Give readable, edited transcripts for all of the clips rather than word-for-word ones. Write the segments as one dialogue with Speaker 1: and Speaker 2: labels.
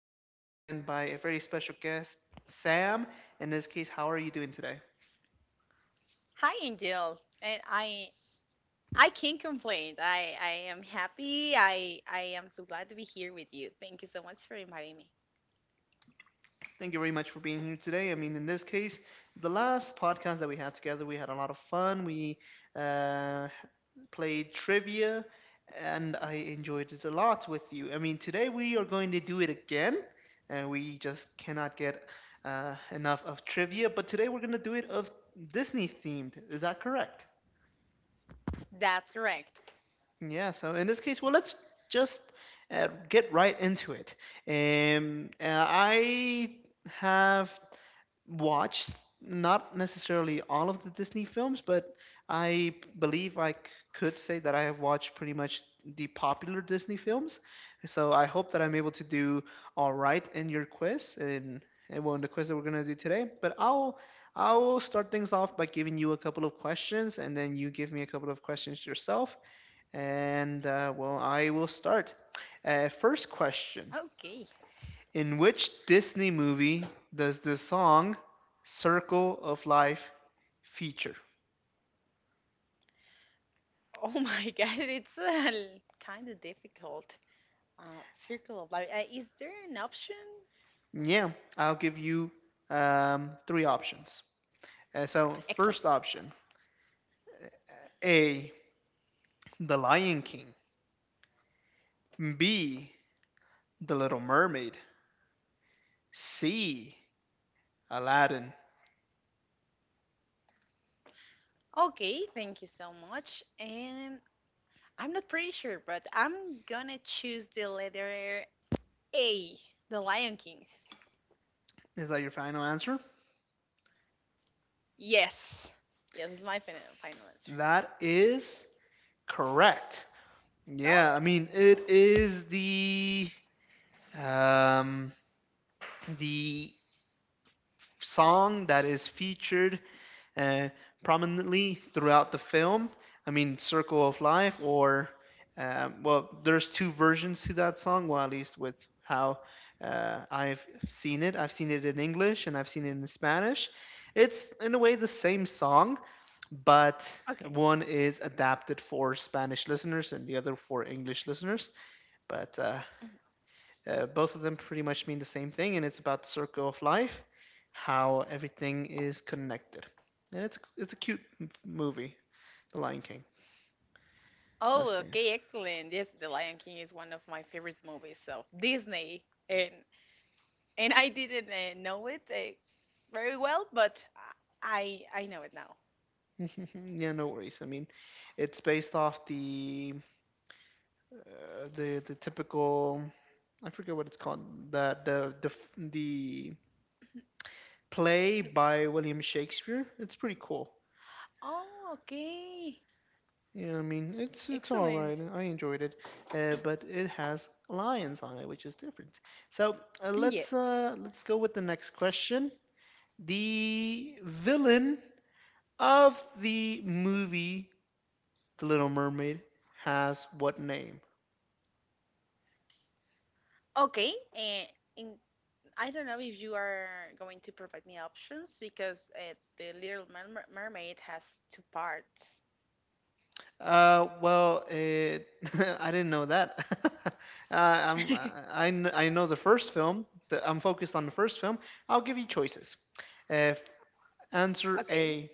Speaker 1: I'm joined again by a very special guest, Sam. In this case, how are you doing today?
Speaker 2: Hi, Angel. And I can't complain. I am happy. I am so glad to be here with you. Thank you so much for inviting me.
Speaker 1: Thank you very much for being here today. I mean, in this case, the last podcast that we had together, we had a lot of fun. We uh, played trivia, and I enjoyed it a lot with you. I mean, today we are going to do it again, and we just cannot get enough of trivia. But today we're going to do it of Disney themed. Is that correct?
Speaker 2: That's correct.
Speaker 1: Yeah, so in this case, well,
Speaker 2: It's,
Speaker 1: let's just get right into it. I have watched not necessarily all of the Disney films, but I believe I could say that I have watched pretty much the popular Disney films. So I hope that I'm able to do all right in your quiz and well, in the quiz that we're gonna do today. But I'll start things off by giving you a couple of questions, and then you give me a couple of questions yourself and well, I will start. First question.
Speaker 2: okay.
Speaker 1: In which Disney movie does the song Circle of Life feature?
Speaker 2: Oh my gosh, it's kind of difficult. Circle of life. Is there an option?
Speaker 1: Yeah, I'll give you three options.
Speaker 2: Excellent.
Speaker 1: First option: A, The Lion King; B, The Little Mermaid; C, Aladdin.
Speaker 2: Okay, thank you so much. And I'm not pretty sure, but I'm gonna choose the letter A, The Lion King.
Speaker 1: Is that your final answer?
Speaker 2: Yes. Yes, it's my final final answer.
Speaker 1: That is correct.
Speaker 2: No.
Speaker 1: Yeah, I mean, it is the Um, the song that is featured uh, prominently throughout the film, I mean, Circle of Life, or, well, there's two versions to that song, well, at least with how I've seen it. I've seen it in English and I've seen it in Spanish. It's, in a way, the same song, but
Speaker 2: Okay.
Speaker 1: one is adapted for Spanish listeners and the other for English listeners. But both of them pretty much mean the same thing, and it's about the circle of life, how everything is connected. And it's a cute movie, The Lion King. I've
Speaker 2: Oh,
Speaker 1: seen.
Speaker 2: okay, excellent. Yes, The Lion King is one of my favorite movies of Disney, and I didn't know it very well, but I know it now.
Speaker 1: Yeah, no worries. I mean, it's based off the the typical, I forget what it's called, the play
Speaker 2: The-
Speaker 1: by William Shakespeare. It's pretty cool.
Speaker 2: Oh, okay,
Speaker 1: Yeah, I mean it's all
Speaker 2: excellent.
Speaker 1: right. I enjoyed it, but it has lions on it, which is different. So uh,
Speaker 2: Yes.
Speaker 1: let's uh, let's go with the next question. The villain of the movie The Little Mermaid has what name?
Speaker 2: Okay, in I don't know if you are going to provide me options because the Little Mermaid has 2 parts.
Speaker 1: Well, it, I didn't know that. uh, I'm, I kn- I know the first film. I'm focused on the first film. I'll give you choices. Uh, f- Answer
Speaker 2: Okay.
Speaker 1: A,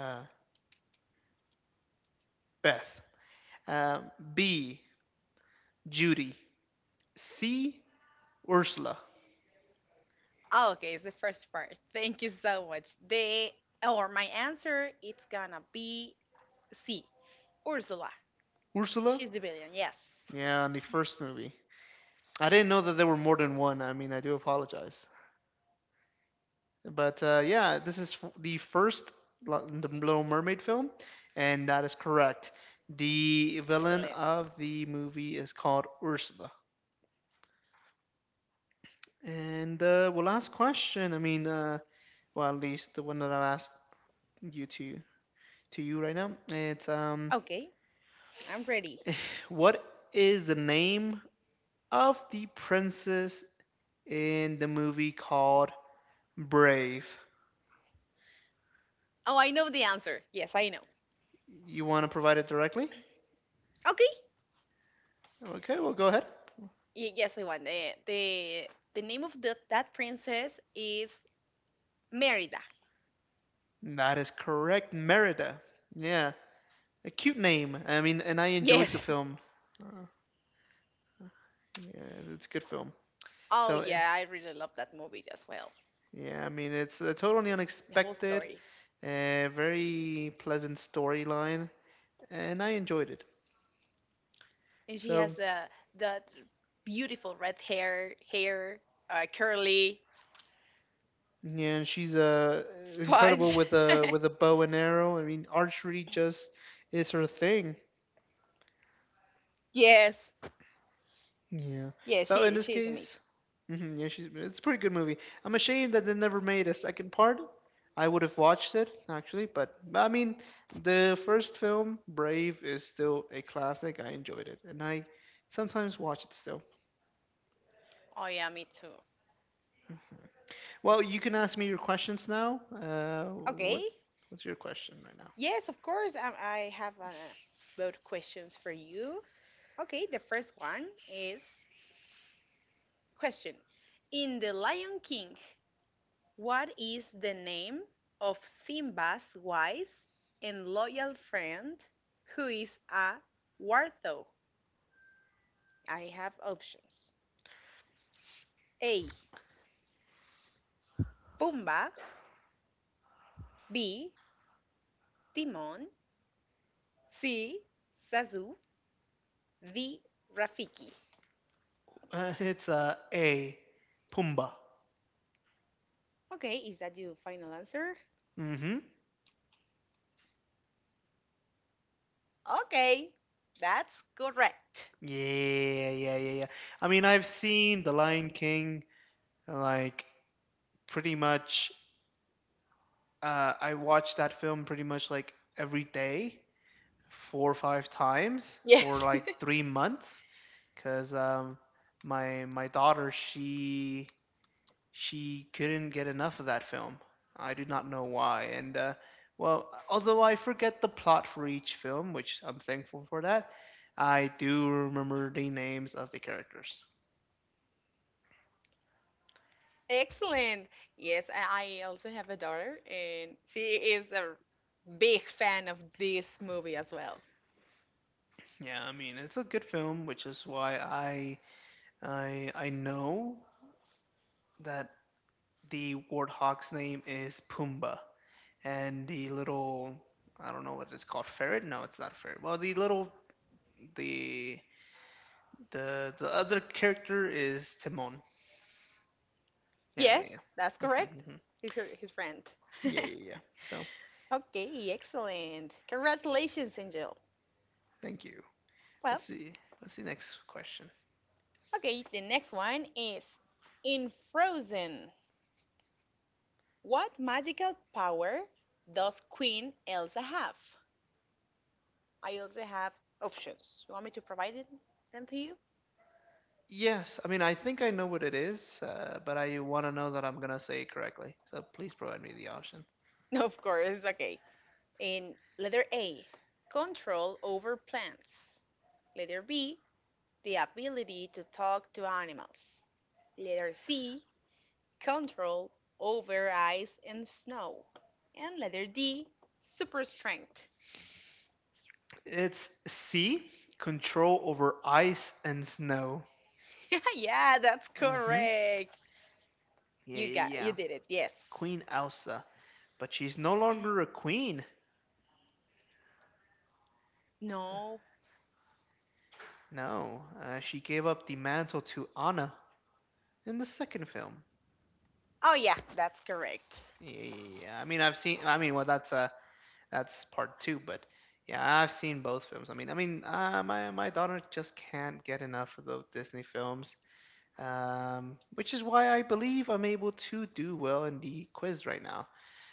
Speaker 1: uh, Beth. Uh, B, Judy. C, Ursula.
Speaker 2: Oh, okay, it's the first part. Thank you so much. The or my answer it's gonna be C. Ursula.
Speaker 1: Ursula?
Speaker 2: She's the villain, yes.
Speaker 1: Yeah, on the first movie. I didn't know that there were more than one. I mean, I do apologize.
Speaker 2: Oh yeah, and the
Speaker 1: But
Speaker 2: second
Speaker 1: uh,
Speaker 2: part of
Speaker 1: yeah, this is the first the Little Mermaid film, and that is correct. The villain
Speaker 2: excellent.
Speaker 1: of the movie is called Ursula.
Speaker 2: Perfect, yes.
Speaker 1: And well, last question. Well, at least the one that I've asked you to you right now. It's
Speaker 2: Okay, I'm ready.
Speaker 1: What is the name of the princess in the movie called Brave?
Speaker 2: Oh, I know the answer. Yes, I know.
Speaker 1: You want to provide it directly?
Speaker 2: Okay.
Speaker 1: Okay, well, go ahead.
Speaker 2: Yes, I want the the name of that princess is Merida.
Speaker 1: That is correct, Merida. Yeah, a cute name. I mean, and I enjoyed the
Speaker 2: Yes.
Speaker 1: film. Uh, yeah, it's a good film.
Speaker 2: Oh
Speaker 1: So
Speaker 2: yeah, I really love that movie as well.
Speaker 1: yeah, I mean, it's a totally
Speaker 2: The whole
Speaker 1: unexpected,
Speaker 2: story.
Speaker 1: a very pleasant storyline, and I enjoyed it.
Speaker 2: And she
Speaker 1: So,
Speaker 2: has that beautiful red hair, curly
Speaker 1: yeah, and she's incredible
Speaker 2: sponge.
Speaker 1: with a bow and arrow. I mean, archery just is her thing.
Speaker 2: Yes.
Speaker 1: Yeah.
Speaker 2: Yes,
Speaker 1: So in
Speaker 2: she
Speaker 1: this
Speaker 2: she is
Speaker 1: case,
Speaker 2: amazing.
Speaker 1: hmm, yeah, she's it's a pretty good movie. I'm ashamed that they never made a second part. I would have watched it actually, but I mean, the first film, Brave, is still a classic. I enjoyed it, and I sometimes watch it still.
Speaker 2: Oh yeah, me too.
Speaker 1: Well, you can ask me your questions now.
Speaker 2: Okay.
Speaker 1: What's your question right now?
Speaker 2: Yes, of course. I have a load questions for you. Okay, the first one is question. In The Lion King, what is the name of Simba's wise and loyal friend who is a wartho? I have options. A. Pumba. B. Timon. C. Zazu. D. Rafiki.
Speaker 1: It's a Pumbaa.
Speaker 2: Okay, is that your final answer?
Speaker 1: Mm-hmm.
Speaker 2: Okay, that's correct.
Speaker 1: Yeah, yeah, yeah, yeah. I mean, I've seen The Lion King, like, pretty much, I watched that film pretty much like every day, 4 or 5 times for
Speaker 2: Yes.
Speaker 1: like 3 months, because my daughter, she couldn't get enough of that film. I do not know why. And well, although I forget the plot for each film, which I'm thankful for that, I do remember the names of the characters.
Speaker 2: Excellent. Yes, I also have a daughter, and she is a big fan of this movie as well.
Speaker 1: Yeah, I mean it's a good film, which is why I know that the warthog's name is Pumbaa, and the little, I don't know what it's called, ferret. No, it's not a ferret. Well, the little, the the other character is Timon. Yeah,
Speaker 2: Yes,
Speaker 1: yeah,
Speaker 2: that's
Speaker 1: yeah. Hmm,
Speaker 2: correct.
Speaker 1: hmm.
Speaker 2: He's her, his friend.
Speaker 1: Yeah, yeah, yeah. So
Speaker 2: Okay, excellent. Congratulations, Angel.
Speaker 1: thank you.
Speaker 2: Well,
Speaker 1: What's the what's the next question?
Speaker 2: okay, the next one is in Frozen. What magical power does Queen Elsa have? I also have options. You want me to provide them to you?
Speaker 1: Yes, I mean I think I know what it is, but I want to know that I'm gonna say it correctly. So please provide me the option.
Speaker 2: No, of course, okay. In letter A, control over plants. Letter B, the ability to talk to animals. Letter C, control over ice and snow. And letter D, super strength.
Speaker 1: It's C, control over ice and snow.
Speaker 2: Yeah, that's
Speaker 1: Hmm.
Speaker 2: correct.
Speaker 1: Yeah,
Speaker 2: You
Speaker 1: yeah,
Speaker 2: got you
Speaker 1: yeah.
Speaker 2: did it. Yes.
Speaker 1: Queen Elsa. But she's no longer a queen.
Speaker 2: No.
Speaker 1: No, she gave up the mantle to Anna in the second film.
Speaker 2: Oh yeah, that's correct.
Speaker 1: Yeah, yeah, yeah. I mean, I've seen. I mean, well, that's part two. But yeah, I've seen both films. I mean, my daughter just can't get enough of those Disney films. Which is why I believe I'm able to do well in the quiz right now.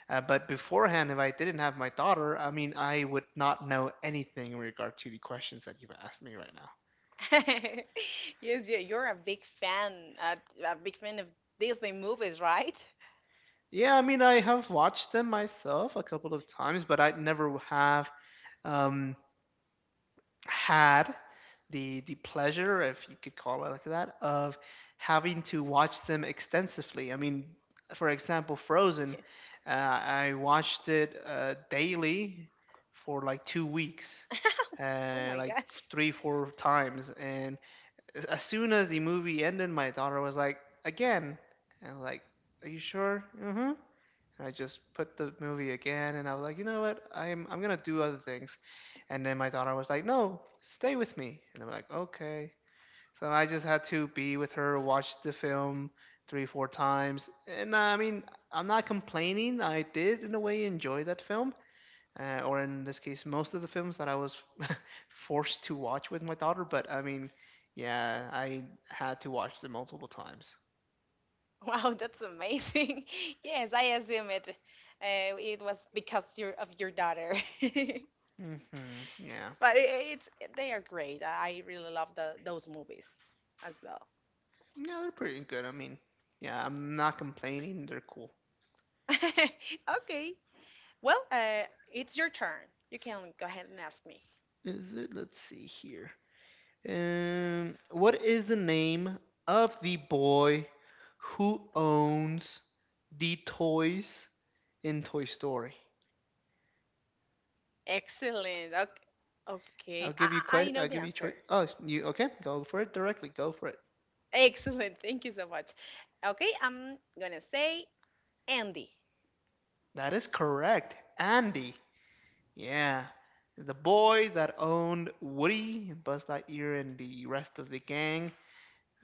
Speaker 1: But beforehand, if I didn't have my daughter, I mean, I would not know anything in regard to the questions that you've asked me right now.
Speaker 2: Yes, you're a big fan of Disney movies, right?
Speaker 1: Yeah, I mean, I have watched them myself a couple of times, but I never have um, had the pleasure, if you could call it like that, of having to watch them extensively. I mean, for example, Frozen,
Speaker 2: Yeah.
Speaker 1: I watched it daily for like 2 weeks,
Speaker 2: Oh my
Speaker 1: like
Speaker 2: gosh.
Speaker 1: 3, 4 times, and as soon as the movie ended, my daughter was like, again. And I was like, are you sure? Mm-hmm. And I just put the movie again, and I was like, you know what? I'm gonna do other things. And then my daughter was like, no, stay with me. And I'm like, okay. So I just had to be with her, watch the film 3, 4 times. And I mean, I'm not complaining. I did in a way enjoy that film or in this case, most of the films that I was forced to watch with my daughter. But I mean, yeah, I had to watch them multiple times.
Speaker 2: Wow, that's amazing. Yes, I assume it. It was because your of your daughter.
Speaker 1: Mm-hmm. Yeah,
Speaker 2: But it's they are great. I really love those movies as well.
Speaker 1: yeah, they're pretty good. I mean, yeah, I'm not complaining. They're cool.
Speaker 2: Okay, well, it's your turn. You can go ahead and ask me.
Speaker 1: Is it? Let's see here. What is the name of the boy who owns the toys in Toy Story?
Speaker 2: Excellent. Okay. Okay. I, I I know
Speaker 1: I'll
Speaker 2: the
Speaker 1: give you choice.
Speaker 2: answer.
Speaker 1: Oh, you okay? Go for it directly. Go for it.
Speaker 2: Excellent. Thank you so much. Okay, I'm gonna say Andy.
Speaker 1: That is correct. Andy. Yeah. The boy that owned Woody, Buzz Lightyear, and the rest of the gang.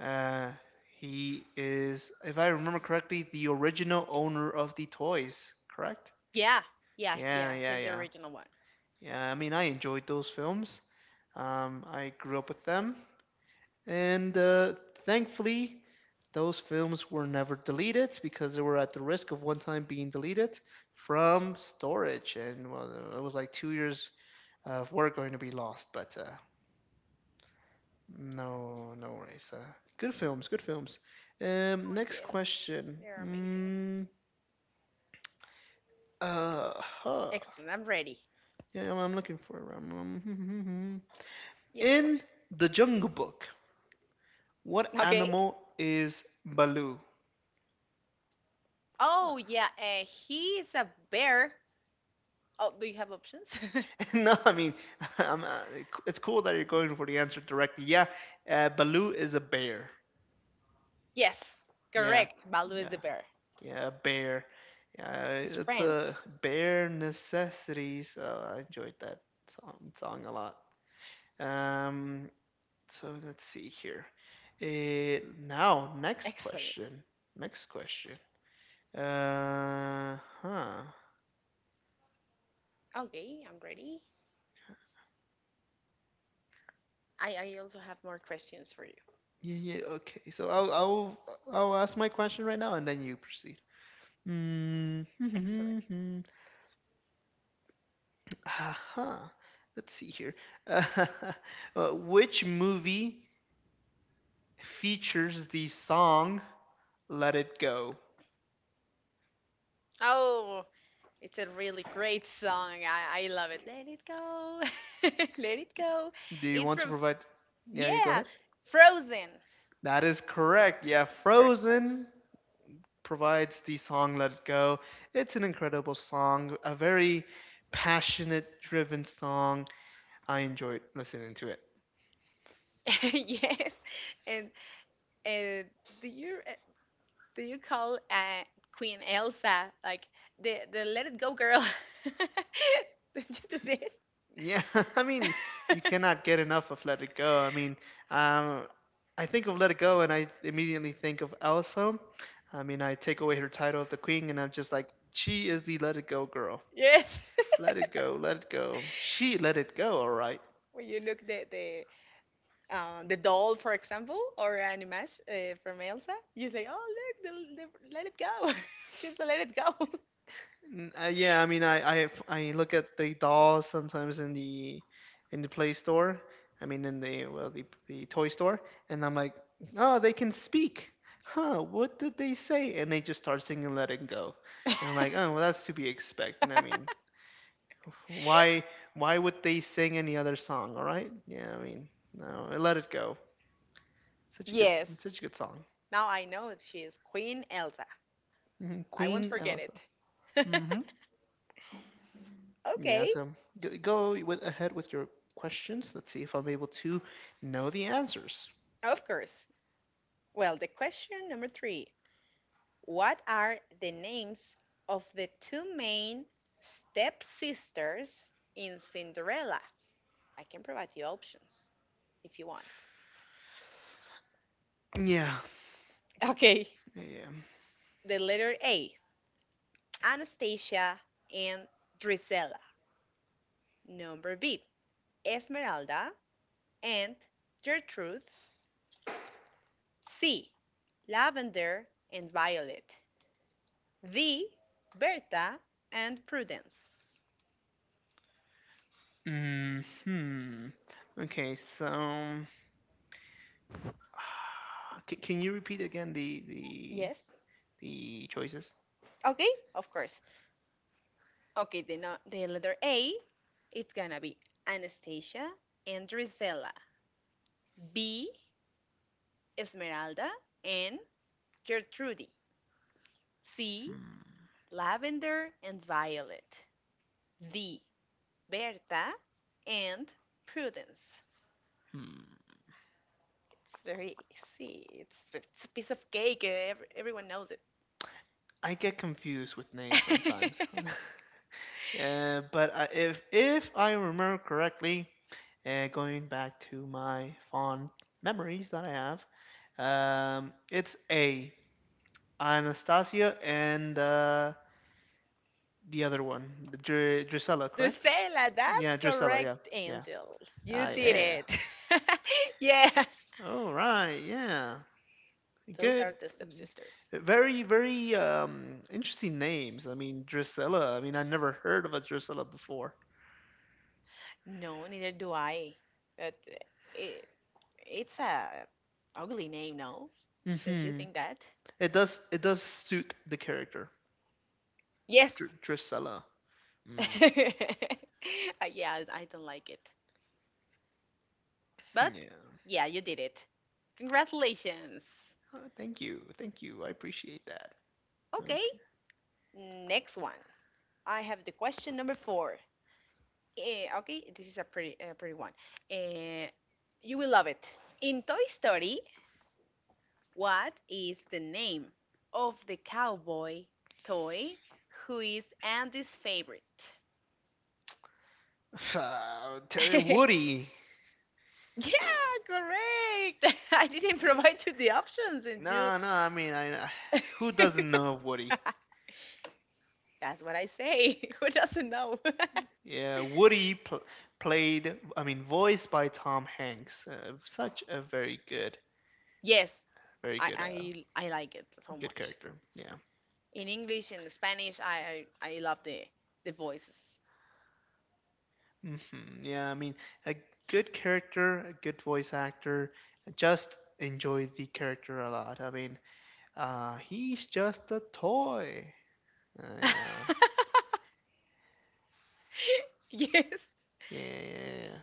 Speaker 1: Uh, he is, if I remember correctly, the original owner of the toys, correct?
Speaker 2: Yeah, yeah,
Speaker 1: Yeah,
Speaker 2: yeah.
Speaker 1: yeah,
Speaker 2: He's the
Speaker 1: yeah.
Speaker 2: original one.
Speaker 1: Yeah, I mean, I enjoyed those films. I grew up with them. And thankfully, those films were never deleted because they were at the risk of one time being deleted from storage, and well, it was like 2 years of work going to be lost. But no, no worries. Good films, good films.
Speaker 2: Oh
Speaker 1: Next
Speaker 2: yes,
Speaker 1: question.
Speaker 2: they're amazing.
Speaker 1: Uh, huh.
Speaker 2: Excellent. I'm ready.
Speaker 1: Yeah, I'm looking for it.
Speaker 2: Yes, of
Speaker 1: In
Speaker 2: course.
Speaker 1: the Jungle Book, what
Speaker 2: Okay.
Speaker 1: animal is Baloo?
Speaker 2: Oh yeah. He is a bear. Oh, do you have options?
Speaker 1: No, I mean, I'm, uh, it's cool that you're going for the answer directly. Yeah, Baloo is a bear.
Speaker 2: Yes,
Speaker 1: Yeah,
Speaker 2: correct. Balu is the
Speaker 1: yeah,
Speaker 2: bear.
Speaker 1: yeah, a bear. Yeah,
Speaker 2: His
Speaker 1: it's
Speaker 2: friend.
Speaker 1: a bear necessity. So I enjoyed that song a lot. Um, so let's see here. Next
Speaker 2: Excellent.
Speaker 1: question. Next question. Uh, huh.
Speaker 2: Okay, I'm ready. I also have more questions for you.
Speaker 1: Yeah, yeah, okay. So I'll ask my question right now and then you proceed.
Speaker 2: Excellent.
Speaker 1: Mm, uh Let's see here. Which movie features the song Let It Go?
Speaker 2: Oh, it's a really great song. I love it. Let it go. Let it go.
Speaker 1: Do you
Speaker 2: It's
Speaker 1: want to
Speaker 2: from,
Speaker 1: provide? Yeah, you go
Speaker 2: yeah,
Speaker 1: ahead.
Speaker 2: Frozen,
Speaker 1: That is
Speaker 2: the
Speaker 1: correct. Yeah,
Speaker 2: first part.
Speaker 1: Frozen provides the song Let It Go. It's an incredible song, a very passionate, driven song. I enjoyed listening to it.
Speaker 2: Yes. And uh, do you uh, do you call Queen Elsa like the Let It Go girl? Don't you do
Speaker 1: Yeah, I mean, you
Speaker 2: that?
Speaker 1: cannot get enough of Let It Go. I mean, um, I think of Let It Go and I immediately think of Elsa. I mean, I take away her title of the queen and I'm just like, she is the Let It Go girl.
Speaker 2: Yes.
Speaker 1: Let it go, let it go. She let it go, all right.
Speaker 2: When you look the the doll, for example, or an image from Elsa, you say, "Oh, look, let it go. She's the let it go."
Speaker 1: Yeah, I mean, I look at the dolls sometimes in the Play Store. I mean, in the well, the toy store, and I'm like, oh, they can speak. Huh? What did they say? And they just start singing "Let It Go," and I'm like, oh, well, that's to be expected. I mean, why why would they sing any other song? All right? Yeah, I mean, no, "Let It Go." Such a good
Speaker 2: Yes.
Speaker 1: Such a good song.
Speaker 2: Now I know she is Queen Elsa.
Speaker 1: Hmm
Speaker 2: I won't
Speaker 1: Queen
Speaker 2: forget
Speaker 1: Elsa.
Speaker 2: it.
Speaker 1: Hmm Yeah,
Speaker 2: Okay,
Speaker 1: so go, go with ahead with your questions. Let's see if I'm able to know the answers.
Speaker 2: of course. Well, the question number 3: what are the names of the 2 main stepsisters in Cinderella? I can provide you options if you want.
Speaker 1: Yeah.
Speaker 2: Okay,
Speaker 1: Yeah.
Speaker 2: the letter A, Anastasia and Drizella. Number B, Esmeralda and Gertrude. C, Lavender and Violet. D, Berta and Prudence.
Speaker 1: Hmm. Okay, so can you repeat again
Speaker 2: Yes?
Speaker 1: the choices?
Speaker 2: Okay, of course. Okay, the, no- the letter A, it's gonna be Anastasia and Drizella. B, Esmeralda and Gertrude. C,
Speaker 1: Hmm.
Speaker 2: Lavender and Violet. D, Berta and Prudence.
Speaker 1: Hmm.
Speaker 2: It's very easy. It's a piece of cake. Everyone knows it.
Speaker 1: I get confused with names sometimes. But if I remember correctly, going back to my fond memories that I have, it's A. Anastasia and the other one, the Drusilla, correct?
Speaker 2: Drusella, that's
Speaker 1: Yeah, Drusilla. Yeah,
Speaker 2: correct,
Speaker 1: yeah.
Speaker 2: Angel. You
Speaker 1: Ah,
Speaker 2: did
Speaker 1: yeah.
Speaker 2: it. Yeah.
Speaker 1: All right. Yeah.
Speaker 2: Those
Speaker 1: Good.
Speaker 2: are the stepsisters.
Speaker 1: Very interesting names. I mean, Drusilla. I mean, I never heard of a Drusilla before.
Speaker 2: No, neither do I. But it, it's a ugly name, no? Don't you
Speaker 1: Hmm
Speaker 2: think that?
Speaker 1: It does. It does suit the character,
Speaker 2: Yes.
Speaker 1: Drusilla. Mm,
Speaker 2: Yeah, I don't like it. But
Speaker 1: yeah.
Speaker 2: yeah, you did it. Congratulations.
Speaker 1: Oh, thank you. Thank you. I appreciate that.
Speaker 2: Okay,
Speaker 1: Okay.
Speaker 2: next one. I have the question number 4. Eh, okay, this is a pretty one. Eh, you will love it. In Toy Story, what is the name of the cowboy toy who is Andy's favorite? Yeah,
Speaker 1: Woody.
Speaker 2: correct. I didn't provide you the options, and you.
Speaker 1: No, no. I mean, I who doesn't know of Woody?
Speaker 2: That's what I say. Who doesn't know?
Speaker 1: Yeah, played. I mean, voiced by Tom Hanks. Such a very good,
Speaker 2: Yes,
Speaker 1: very
Speaker 2: I
Speaker 1: good,
Speaker 2: I like it so
Speaker 1: good
Speaker 2: much.
Speaker 1: character. Yeah.
Speaker 2: In English and Spanish, I love the voices.
Speaker 1: hmm Yeah. I mean, a good character, a good voice actor. Just enjoy the character a lot. I mean, he's just a toy. Yeah.
Speaker 2: Yes,
Speaker 1: Yeah. Yeah. Yeah. Yeah.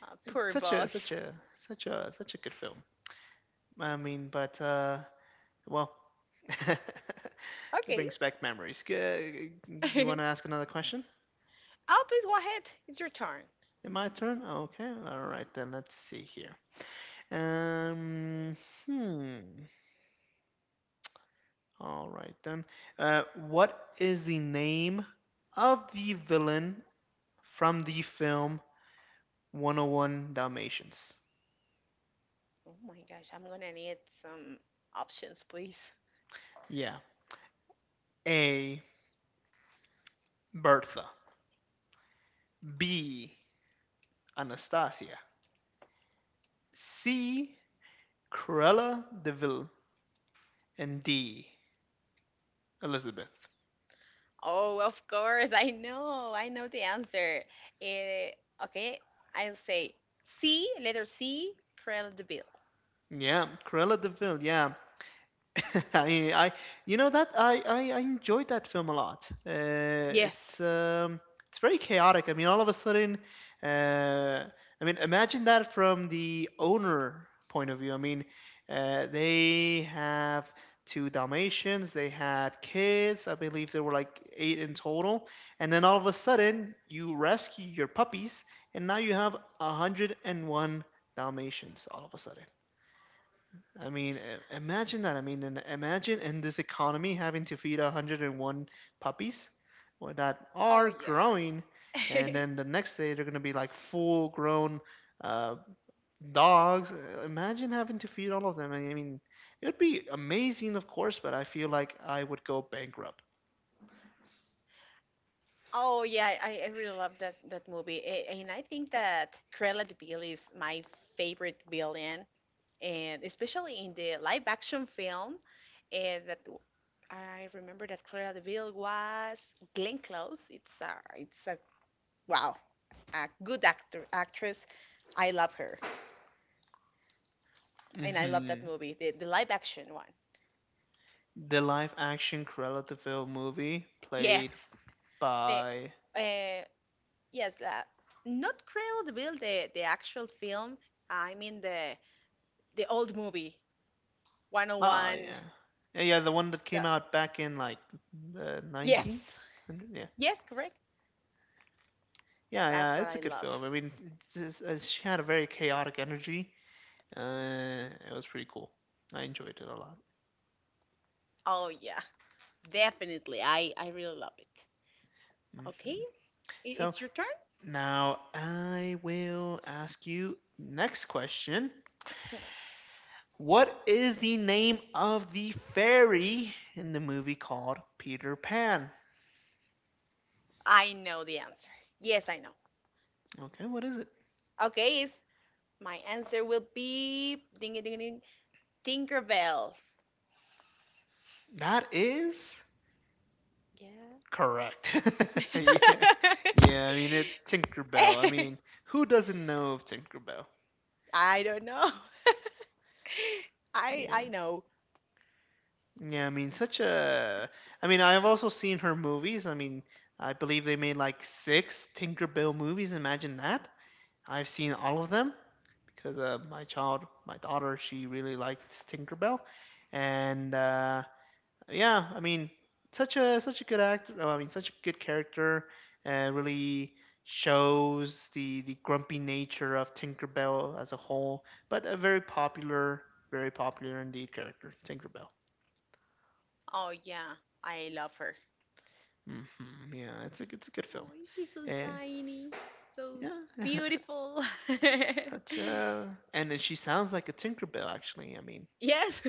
Speaker 2: ah,
Speaker 1: It's
Speaker 2: poor boss.
Speaker 1: such a good film. I mean, but well, it
Speaker 2: Okay.
Speaker 1: brings back memories. Do
Speaker 2: Oh,
Speaker 1: you want to ask another question?
Speaker 2: please go ahead. It's your turn.
Speaker 1: In my turn? Okay, all right then. Let's see here. Um, hmm. All right then. What is the name of the villain from the film 101 Dalmatians?
Speaker 2: Oh my gosh, I'm gonna need some options, please.
Speaker 1: Yeah. A. Bertha. B. Anastasia. C. Cruella de Vil. And D. Elizabeth.
Speaker 2: Oh, of course, I know. I know the answer. Eh, okay, I'll say letter C, Cruella de Vil.
Speaker 1: Yeah, Cruella de Vil. Yeah, I, I, you know that I enjoyed that film a lot.
Speaker 2: Yes.
Speaker 1: It's um, it's very chaotic. I mean, all of a sudden, uh, I mean, imagine that from the owner point of view. I mean, they have two Dalmatians. They had kids. I believe there were like eight in total. And then all of a sudden, you rescue your puppies, and now you have 101 Dalmatians all of a sudden. I mean, imagine that. I mean, and imagine in this economy having to feed 101 puppies well, that
Speaker 2: Oh
Speaker 1: are
Speaker 2: yeah.
Speaker 1: growing, and then the next day they're going to be like full grown uh, dogs. Imagine having to feed all of them. I mean, it would be amazing, of course, but I feel like I would go bankrupt.
Speaker 2: Oh yeah, I really love that that movie, and I think that Cruella de Vil is my favorite villain, and especially in the live action film, and I remember that Cruella de Vil was Glenn Close. It's a wow, a good actor actress. I love her, and I love that
Speaker 1: Hmm
Speaker 2: movie, the live action one.
Speaker 1: The live action Cruella de Vil movie
Speaker 2: Yes,
Speaker 1: played
Speaker 2: the
Speaker 1: by
Speaker 2: uh, yes, not Cruella de Vil, the actual film. I mean the old movie,
Speaker 1: ah,
Speaker 2: 101.
Speaker 1: yeah. Yeah, yeah, the one that came
Speaker 2: The,
Speaker 1: out back in like the
Speaker 2: yes.
Speaker 1: 1900, yeah.
Speaker 2: Yes, correct.
Speaker 1: Yeah,
Speaker 2: That's
Speaker 1: yeah,
Speaker 2: what
Speaker 1: it's
Speaker 2: I
Speaker 1: a good
Speaker 2: love.
Speaker 1: film. I mean, it's just, she had a very chaotic energy. It was pretty cool. I enjoyed it a lot.
Speaker 2: Oh, yeah. Definitely. I really love it. Okay.
Speaker 1: Hmm So
Speaker 2: It's your turn.
Speaker 1: now I will ask you next question.
Speaker 2: Excellent.
Speaker 1: What is the name of the fairy in the movie called Peter Pan?
Speaker 2: I know the answer. Yes, I know.
Speaker 1: Okay, what is it?
Speaker 2: Okay. It's, my answer will be ding ding ding ding Tinkerbell.
Speaker 1: That is
Speaker 2: Yeah.
Speaker 1: correct. yeah. Yeah, I mean it Tinkerbell. I
Speaker 2: Eh,
Speaker 1: mean, who doesn't know of Tinkerbell?
Speaker 2: I don't know. I
Speaker 1: Yeah.
Speaker 2: know.
Speaker 1: Yeah, I mean such a I mean I've also seen her movies. I mean, I believe they made like 6 Tinkerbell movies. Imagine that. I've seen all of them because my daughter, she really likes Tinkerbell. And yeah, I mean, such a good actor. Oh, I mean, such a good character. Really shows the grumpy nature of Tinkerbell as a whole, but a very popular indeed character, Tinkerbell.
Speaker 2: Oh yeah, I love her.
Speaker 1: Hmm Yeah, it's a good film.
Speaker 2: Oh, she's so
Speaker 1: Uh,
Speaker 2: tiny, so
Speaker 1: yeah,
Speaker 2: beautiful.
Speaker 1: such a and then she sounds like a Tinkerbell actually. I mean,
Speaker 2: Yes.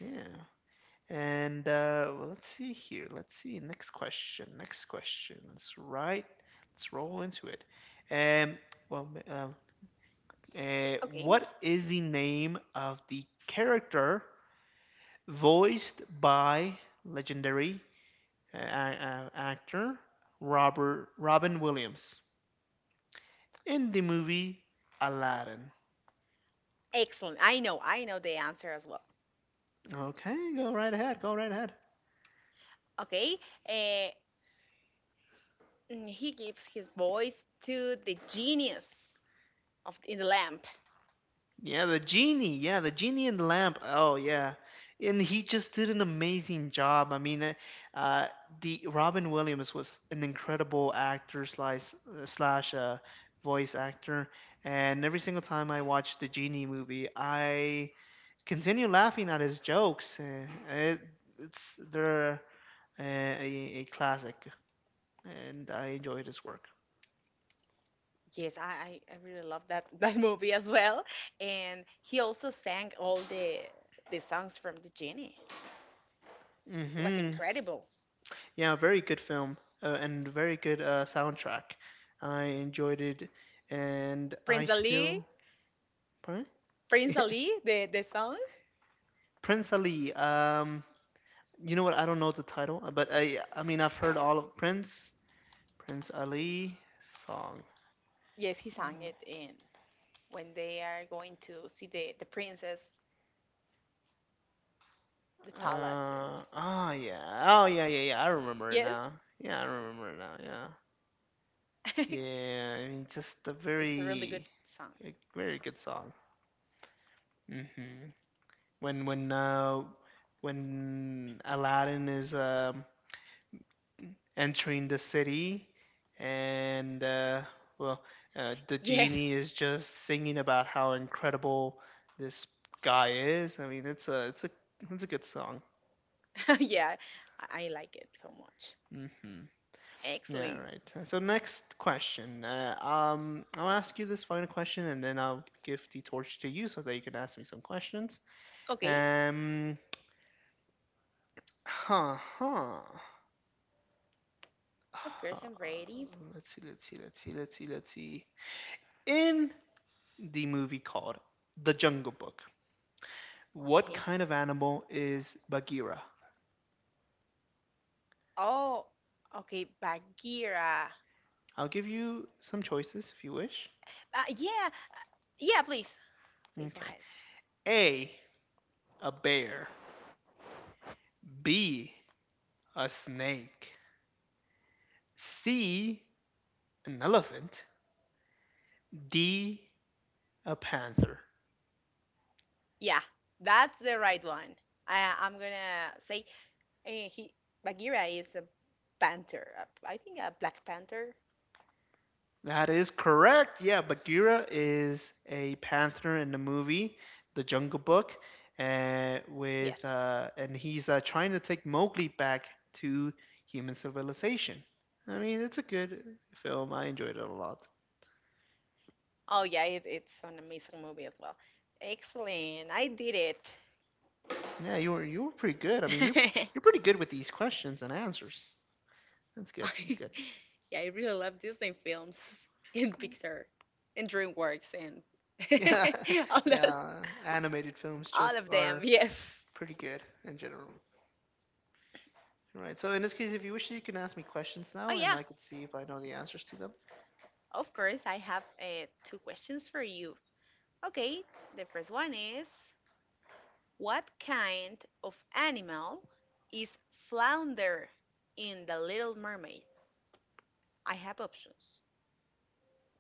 Speaker 1: yeah. And well, let's see here. Let's see. Next question. Next question. Let's write. Let's roll into it. Um. Well.
Speaker 2: Okay.
Speaker 1: What is the name of the character voiced by legendary uh, actor Robert Robin Williams in the movie Aladdin?
Speaker 2: Excellent. I know. I know the answer as well.
Speaker 1: Okay. Go right ahead. Go right ahead.
Speaker 2: Okay. Uh, mm, he gives his voice to the genius of in the lamp.
Speaker 1: Yeah, the genie. Yeah, the genie in the lamp. Oh, yeah. And he just did an amazing job. I mean, uh, the Robin Williams was an incredible actor slash slash uh, voice actor, and every single time I watch the genie movie, I continue laughing at his jokes. It's they're a classic, and I enjoyed his work.
Speaker 2: Yes, I really love that that movie as well. And he also sang all the songs from the genie. It was
Speaker 1: Hmm
Speaker 2: incredible.
Speaker 1: Yeah, very good film and very good soundtrack. I enjoyed it, and I
Speaker 2: Prince Ali,
Speaker 1: still pardon?
Speaker 2: Prince Ali, the song.
Speaker 1: Prince Ali. You know what? I don't know the title, but I mean I've heard all of Prince Ali song.
Speaker 2: Yes, he sang it in when they are going to see the princess, the palace, and
Speaker 1: Oh yeah, oh yeah, yeah, yeah. I remember it
Speaker 2: yes,
Speaker 1: now. Yeah, I remember it now. Yeah,
Speaker 2: it's
Speaker 1: yeah. I mean, just
Speaker 2: a really good song.
Speaker 1: a very good song. Hmm when when Aladdin is entering the city, and well, the genie
Speaker 2: Yes,
Speaker 1: is just singing about how incredible this guy is. I mean, it's a good song.
Speaker 2: yeah, I like it so much.
Speaker 1: Hmm Yeah,
Speaker 2: Excellent.
Speaker 1: right. So next question. I'll ask you this final question, and then I'll give the torch to you so that you can ask me some questions.
Speaker 2: Okay,
Speaker 1: Um, huh, huh.
Speaker 2: of
Speaker 1: Uh,
Speaker 2: course I'm ready.
Speaker 1: let's see. In the movie called The Jungle Book, what
Speaker 2: Okay.
Speaker 1: kind of animal is Bagheera?
Speaker 2: Oh, okay, Bagheera.
Speaker 1: I'll give you some choices if you wish.
Speaker 2: Yeah, yeah, please, please go
Speaker 1: Okay.
Speaker 2: ahead.
Speaker 1: A, a bear. B, a snake. C, an elephant. D, a panther.
Speaker 2: Yeah, that's the right one. I'm gonna say he Bagheera is a panther. I think a black panther.
Speaker 1: That is correct. Yeah, Bagheera is a panther in the movie, The Jungle Book, and
Speaker 2: Yes.
Speaker 1: with and he's trying to take Mowgli back to human civilization. I mean, it's a good film. I enjoyed it a lot.
Speaker 2: Oh yeah, it, it's an amazing movie as well. Excellent. I did it.
Speaker 1: Yeah, you were pretty good. I mean, you're pretty good with these questions and answers. That's good. That's
Speaker 2: I,
Speaker 1: good.
Speaker 2: yeah, I really love Disney films and Pixar and DreamWorks and
Speaker 1: Yeah,
Speaker 2: all that,
Speaker 1: yeah. Animated films
Speaker 2: all
Speaker 1: just
Speaker 2: of them.
Speaker 1: are
Speaker 2: Yes.
Speaker 1: pretty good in general. Right. So in this case, if you wish, you can ask me questions
Speaker 2: Oh
Speaker 1: now, and
Speaker 2: yeah.
Speaker 1: I could see if I know the answers to them.
Speaker 2: Of course, I have 2 questions for you. Okay, the first one is what kind of animal is flounder in The Little Mermaid? I have options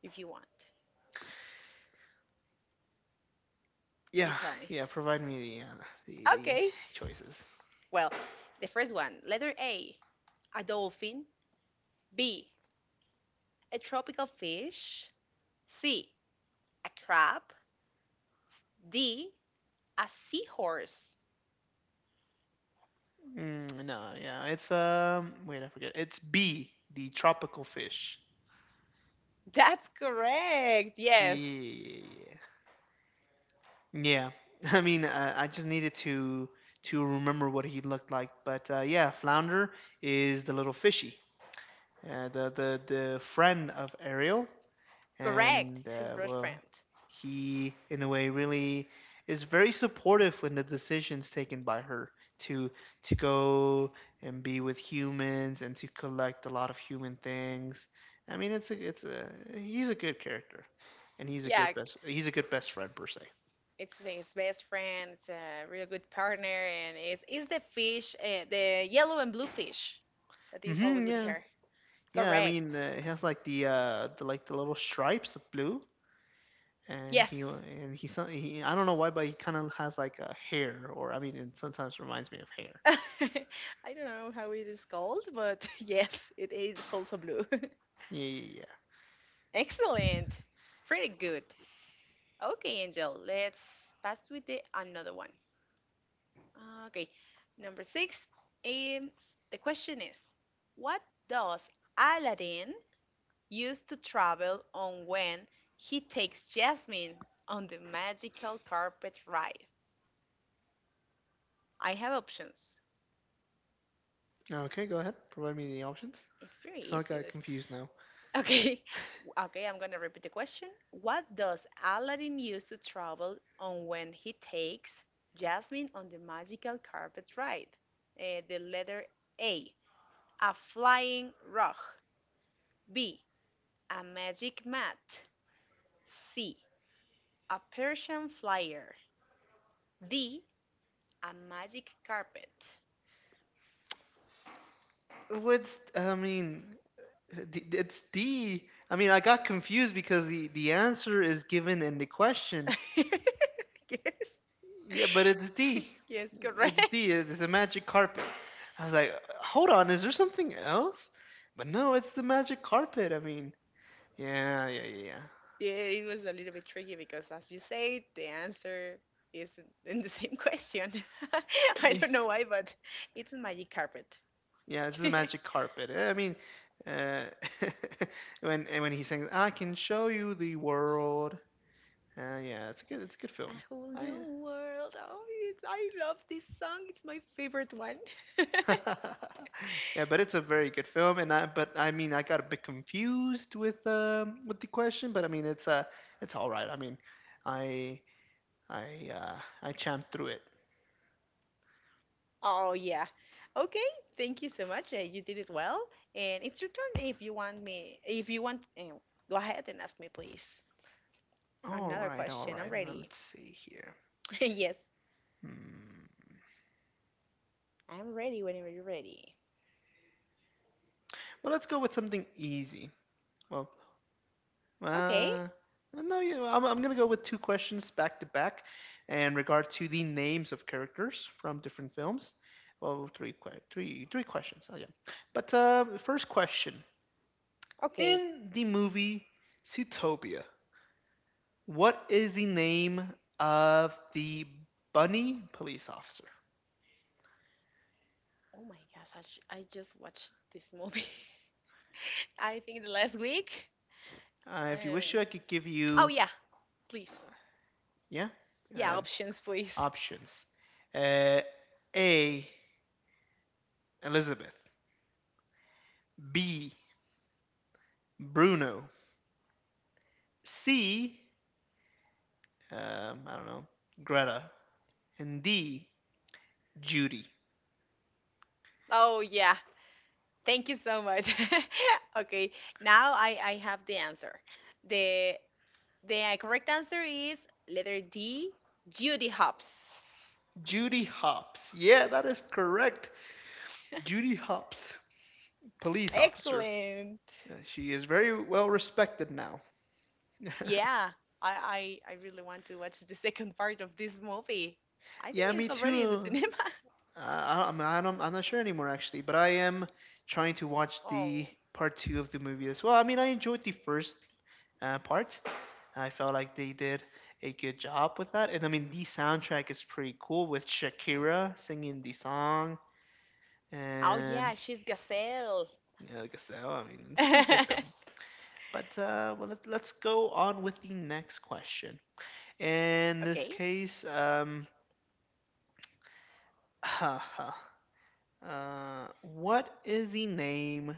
Speaker 2: if you want. You
Speaker 1: Yeah,
Speaker 2: tell me.
Speaker 1: yeah. Provide me the the
Speaker 2: Okay.
Speaker 1: choices.
Speaker 2: Well, the first one, letter A, a dolphin. B, a tropical fish. C, a crab. D, a seahorse.
Speaker 1: Mm, no, yeah. It's. Wait, I forget. It's B, the tropical fish.
Speaker 2: That's correct. Yes,
Speaker 1: Yeah. Yeah. I mean, I just needed to remember what he looked like, but yeah, flounder is the little fishy, the friend of Ariel,
Speaker 2: correct.
Speaker 1: and
Speaker 2: It's his best
Speaker 1: well,
Speaker 2: friend.
Speaker 1: he in a way really is very supportive when the decisions taken by her to go and be with humans and to collect a lot of human things. I mean, it's a he's a good character, and he's a
Speaker 2: Yeah,
Speaker 1: good best he's a good best friend per se.
Speaker 2: it's his best friend. It's a real good partner, and it's the fish, the yellow and blue fish that is always
Speaker 1: Hmm
Speaker 2: with
Speaker 1: yeah.
Speaker 2: her.
Speaker 1: Yeah, I mean,
Speaker 2: Correct.
Speaker 1: it has like the like the little stripes of blue, and
Speaker 2: Yes.
Speaker 1: he I don't know why, but he kind of has like a hair, or I mean, it sometimes reminds me of hair.
Speaker 2: I don't know how it is called, but yes, it is also blue.
Speaker 1: Yeah, yeah,
Speaker 2: Excellent. Pretty good. Okay, Angel, let's pass with the another one. Okay, number 6. Um, the question is, what does Aladdin use to travel on when he takes Jasmine on the magical carpet ride? I have options.
Speaker 1: yeah. Okay, go ahead. Provide me the options.
Speaker 2: It's very
Speaker 1: Cause I
Speaker 2: easy.
Speaker 1: got
Speaker 2: This
Speaker 1: confused now.
Speaker 2: okay. Okay, I'm going to repeat the question. What does Aladdin use to travel on when he takes Jasmine on the magical carpet ride? Eh, the letter A, a flying rug. B, a magic mat. C, a Persian flyer. D, a magic carpet.
Speaker 1: What's I mean? It's D. I mean, I got confused because the answer is given in the question.
Speaker 2: Yes,
Speaker 1: Yeah, but it's D.
Speaker 2: yes, correct.
Speaker 1: It's D. It's a magic carpet. I was like, hold on, is there something else? But no, it's the magic carpet. I mean, yeah.
Speaker 2: Yeah, it was a little bit tricky because, as you say, the answer is in the same question. I
Speaker 1: Yeah,
Speaker 2: don't know why, but it's Magic Carpet.
Speaker 1: yeah, it's the
Speaker 2: A
Speaker 1: magic carpet. I mean, uh, when he sings, "I can show you the world." Yeah, it's a good film.
Speaker 2: whole
Speaker 1: I,
Speaker 2: new world. Oh, it's, I love this song. It's my favorite one.
Speaker 1: yeah, but it's a very good film, and but I mean, I got a bit confused with the question, but I mean, it's all right. I mean, I, I champed through it.
Speaker 2: Oh, yeah. Okay, thank you so much. You did it well. And it's your turn if you want me. If you want, go ahead and ask me, please.
Speaker 1: All
Speaker 2: Another
Speaker 1: right, all
Speaker 2: question. I'm
Speaker 1: right. Now
Speaker 2: ready.
Speaker 1: let's see here.
Speaker 2: Yes,
Speaker 1: Hmm.
Speaker 2: I'm ready whenever you're ready.
Speaker 1: Well, let's go with something easy. Well,
Speaker 2: Okay,
Speaker 1: uh, no, you I'm going to go with two questions back to back in regard to the names of characters from different films. Well, three questions. Oh, yeah. But first question.
Speaker 2: okay.
Speaker 1: In the movie Zootopia, what is the name of the bunny police officer?
Speaker 2: Oh my gosh, I just watched this movie. I think the last week.
Speaker 1: If you wish to,
Speaker 2: Um,
Speaker 1: I could give
Speaker 2: oh
Speaker 1: you,
Speaker 2: yeah, please.
Speaker 1: yeah,
Speaker 2: Yeah,
Speaker 1: um,
Speaker 2: options, please.
Speaker 1: options. Uh, A. Elizabeth. B. Bruno. C, I don't know, Greta. And D, Judy.
Speaker 2: Oh yeah, thank you so much. Okay, now I have the answer. The the correct answer is letter D, Judy Hopps.
Speaker 1: Judy Hopps. Yeah, that is correct. Judy Hopps, police officer.
Speaker 2: Excellent.
Speaker 1: She is very well respected now.
Speaker 2: Yeah, I really want to watch the second part of this movie. I
Speaker 1: Yeah,
Speaker 2: think
Speaker 1: me
Speaker 2: it's already in the
Speaker 1: too.
Speaker 2: cinema.
Speaker 1: I don't, I'm not sure anymore, actually, but I am trying to watch the
Speaker 2: Oh.
Speaker 1: part two of the movie as well. I mean, I enjoyed the first part, I felt like they did a good job with that. And I mean, the soundtrack is pretty cool with Shakira singing the song.
Speaker 2: Oh yeah,
Speaker 1: And
Speaker 2: she's Gazelle.
Speaker 1: yeah, like I said, well, I mean, it's a pretty good film. Let's go on with the next question. In this
Speaker 2: Okay.
Speaker 1: case, What is the name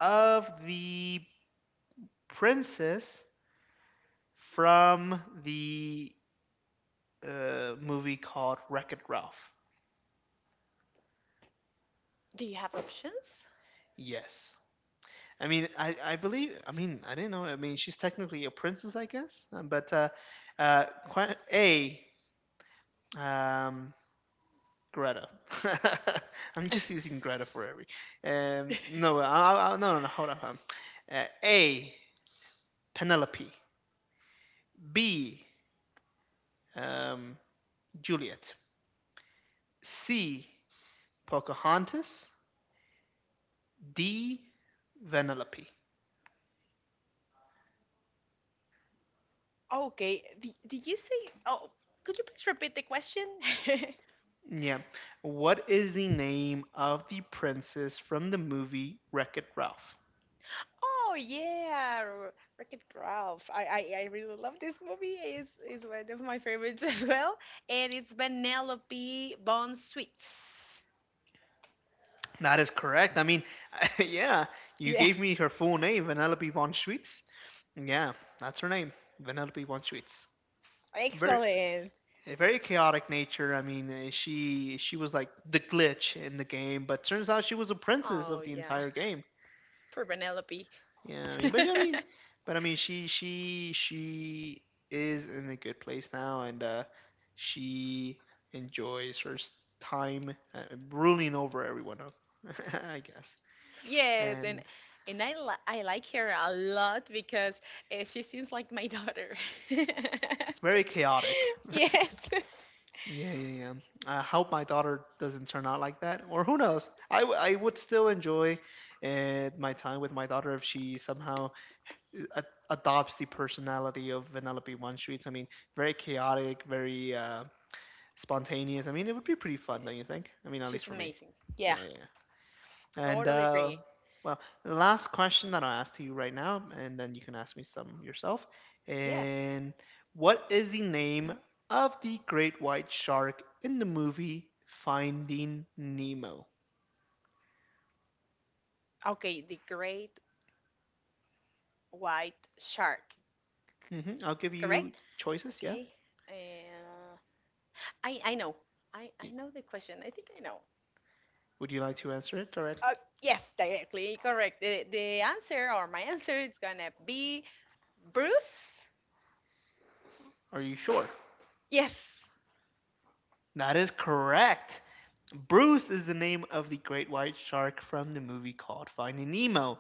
Speaker 1: of the princess from the movie called Wreck It Ralph?
Speaker 2: Do you have options?
Speaker 1: Yes. I mean, I believe, I mean, I didn't know. I mean, she's technically a princess, I guess. Uh, A, um, Greta. I'm just using Greta for every. No, no, no, no, hold up. A. Penelope. B. Um, Juliet. C. Pocahontas. D. Vanellope.
Speaker 2: Okay. Did you say? Oh, could you please repeat the question?
Speaker 1: Yeah. What is the name of the princess from the movie Wreck It Ralph?
Speaker 2: Oh yeah, R- Wreck-It Ralph. I really love this movie. It's one of my favorites as well, and it's Penelope Bon Sweets.
Speaker 1: That is correct. I mean, yeah, you
Speaker 2: Yeah.
Speaker 1: gave me her full name, Vanellope von Schweetz. Yeah, that's her name, Vanellope von Schweetz. Very
Speaker 2: Excellent.
Speaker 1: A very chaotic nature. I mean, she was like the glitch in the game, but turns out she was a princess
Speaker 2: Oh
Speaker 1: of the
Speaker 2: yeah.
Speaker 1: entire game.
Speaker 2: Poor Penelope.
Speaker 1: Yeah, I mean, but I mean, but I mean, she is in a good place now, and she enjoys time ruling over everyone, I guess,
Speaker 2: Yes,
Speaker 1: and
Speaker 2: and I like her a lot because she seems like my daughter.
Speaker 1: very chaotic.
Speaker 2: Yes. Eh,
Speaker 1: Yeah, yeah, yeah. I hope my daughter doesn't turn out like that, or who knows? I would still enjoy my time with my daughter if she somehow eh, a- adopts the personality of Vanellope One Streets. I mean, very chaotic, very spontaneous. I mean, it would be pretty fun, don't you think? I mean, at least
Speaker 2: she's
Speaker 1: for me.
Speaker 2: amazing. Yeah,
Speaker 1: Yeah, yeah, yeah. And
Speaker 2: totally agree.
Speaker 1: well, the last question that I'll ask to you right now, and then you can ask me some yourself.
Speaker 2: Yes.
Speaker 1: And what is the name of the great white shark in the movie Finding Nemo?
Speaker 2: Okay, the great white shark,
Speaker 1: Hmm, I'll give you
Speaker 2: correct?
Speaker 1: choices. Yeah.
Speaker 2: Okay. Uh, I know. I
Speaker 1: Y-
Speaker 2: know the question. I think I know.
Speaker 1: Would you like to answer it directly?
Speaker 2: Uh, yes, directly correct. The answer or my answer is gonna be Bruce.
Speaker 1: Are you sure?
Speaker 2: Yes.
Speaker 1: That is correct. Bruce is the name of the great white shark from the movie called Finding Nemo.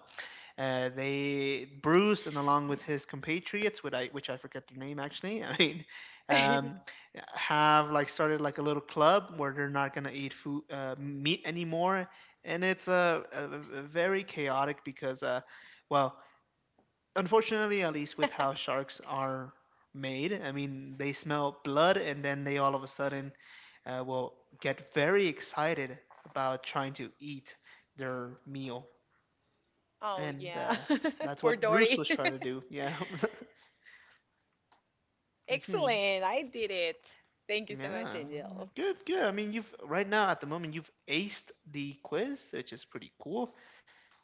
Speaker 1: They Bruce and along with his compatriots, which I forget their name actually. I mean, um, have like started like a little club where they're not gonna eat food meat anymore, and it's a very chaotic because well, unfortunately, at least with how sharks are made, I mean, they smell blood and then they all of a sudden will get very excited about trying to eat their meal
Speaker 2: Oh,
Speaker 1: and
Speaker 2: yeah.
Speaker 1: that's
Speaker 2: Poor
Speaker 1: what Bruce
Speaker 2: Dory.
Speaker 1: was trying to do. Yeah. hmm
Speaker 2: Excellent. I did it. Thank you so much,
Speaker 1: Yeah.
Speaker 2: Angel.
Speaker 1: Good, good. I mean, you've right now at the moment you've aced the quiz, which is pretty cool.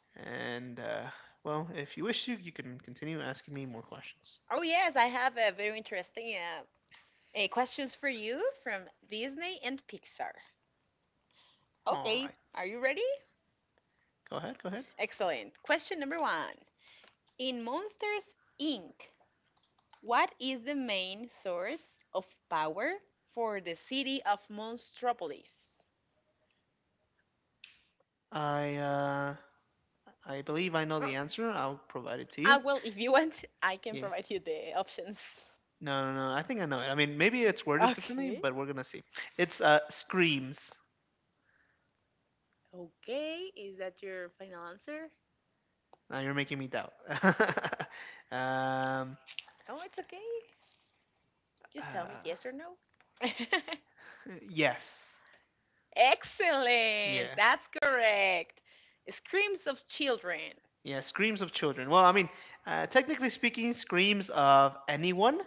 Speaker 1: And well, if you wish to, you can continue asking me more questions.
Speaker 2: Oh, yes. I have a very interesting questions for you from Disney and Pixar.
Speaker 1: All
Speaker 2: Okay.
Speaker 1: right.
Speaker 2: Are you ready?
Speaker 1: Go ahead, go ahead.
Speaker 2: Excellent. Question number one. In Monsters, Inc., what is the main source of power for the city of Monstropolis?
Speaker 1: I uh, I believe I know
Speaker 2: Uh,
Speaker 1: the answer. I'll provide it to you.
Speaker 2: well, if you want, I can
Speaker 1: Yeah.
Speaker 2: provide you the options.
Speaker 1: No, no, no. I think I know it. I mean, maybe it's worded differently,
Speaker 2: Okay.
Speaker 1: but we're gonna see. It's screams.
Speaker 2: Okay, is that your final answer?
Speaker 1: Now you're making me doubt. um,
Speaker 2: Oh, it's okay. Just tell me
Speaker 1: Uh,
Speaker 2: yes or no.
Speaker 1: yes.
Speaker 2: Excellent.
Speaker 1: Yeah.
Speaker 2: That's correct. Screams of children.
Speaker 1: Yeah. Screams of children. Well, I mean, technically speaking, screams of anyone,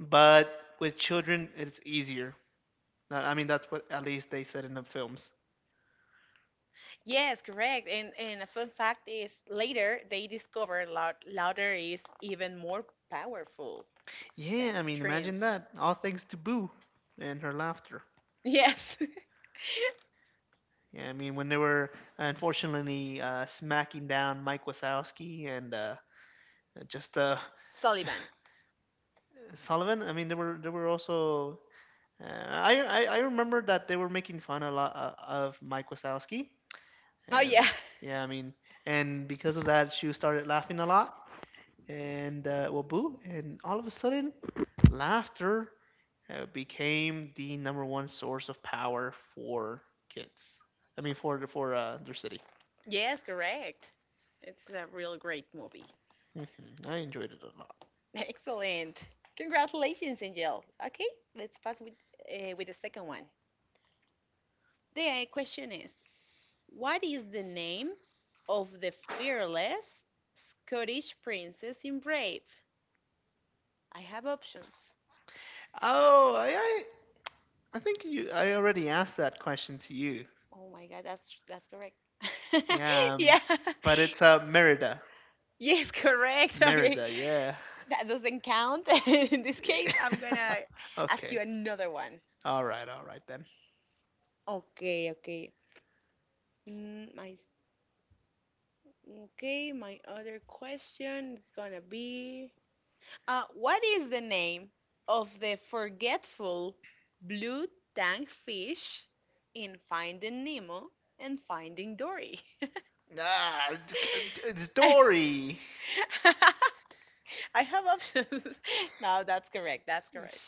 Speaker 1: but with children, it's easier. I mean, that's what at least they said in the films.
Speaker 2: Yes, correct. And a fun fact is later they discovered loud, louder is even more powerful
Speaker 1: Yeah.
Speaker 2: than
Speaker 1: I mean, imagine
Speaker 2: screams.
Speaker 1: that. All thanks to Boo and her laughter.
Speaker 2: Yes.
Speaker 1: Yeah. I mean, when they were unfortunately smacking down Mike Wazowski and just
Speaker 2: Sullivan.
Speaker 1: Sullivan. I mean, there were also I remember that they were making fun a lot of Mike Wazowski.
Speaker 2: Oh,
Speaker 1: Um,
Speaker 2: yeah.
Speaker 1: yeah, I mean, and because of that, she started laughing a lot, and well, boo, and all of a sudden, laughter became the number one source of power for kids. I mean, for their city.
Speaker 2: Yes, correct. It's a real great movie.
Speaker 1: Hmm. I enjoyed it a lot.
Speaker 2: Excellent. Congratulations, Angel. Okay, let's pass with the second one. The question is, what is the name of the fearless Scottish princess in Brave? I have options.
Speaker 1: Oh, I, I I think you I already asked that question to you.
Speaker 2: Oh my God, that's correct.
Speaker 1: Yeah, um,
Speaker 2: Yeah.
Speaker 1: but it's Merida.
Speaker 2: Yes, correct. Okay.
Speaker 1: Merida, yeah.
Speaker 2: That doesn't count. In this case, I'm gonna ask you
Speaker 1: Okay.
Speaker 2: another one.
Speaker 1: All right. All right then.
Speaker 2: Okay, okay. Mm, I Okay, my other question is gonna be what is the name of the forgetful blue tank fish in Finding Nemo and Finding Dory?
Speaker 1: Ah, it's-
Speaker 2: I
Speaker 1: Dory.
Speaker 2: I have options. No, that's correct. That's correct.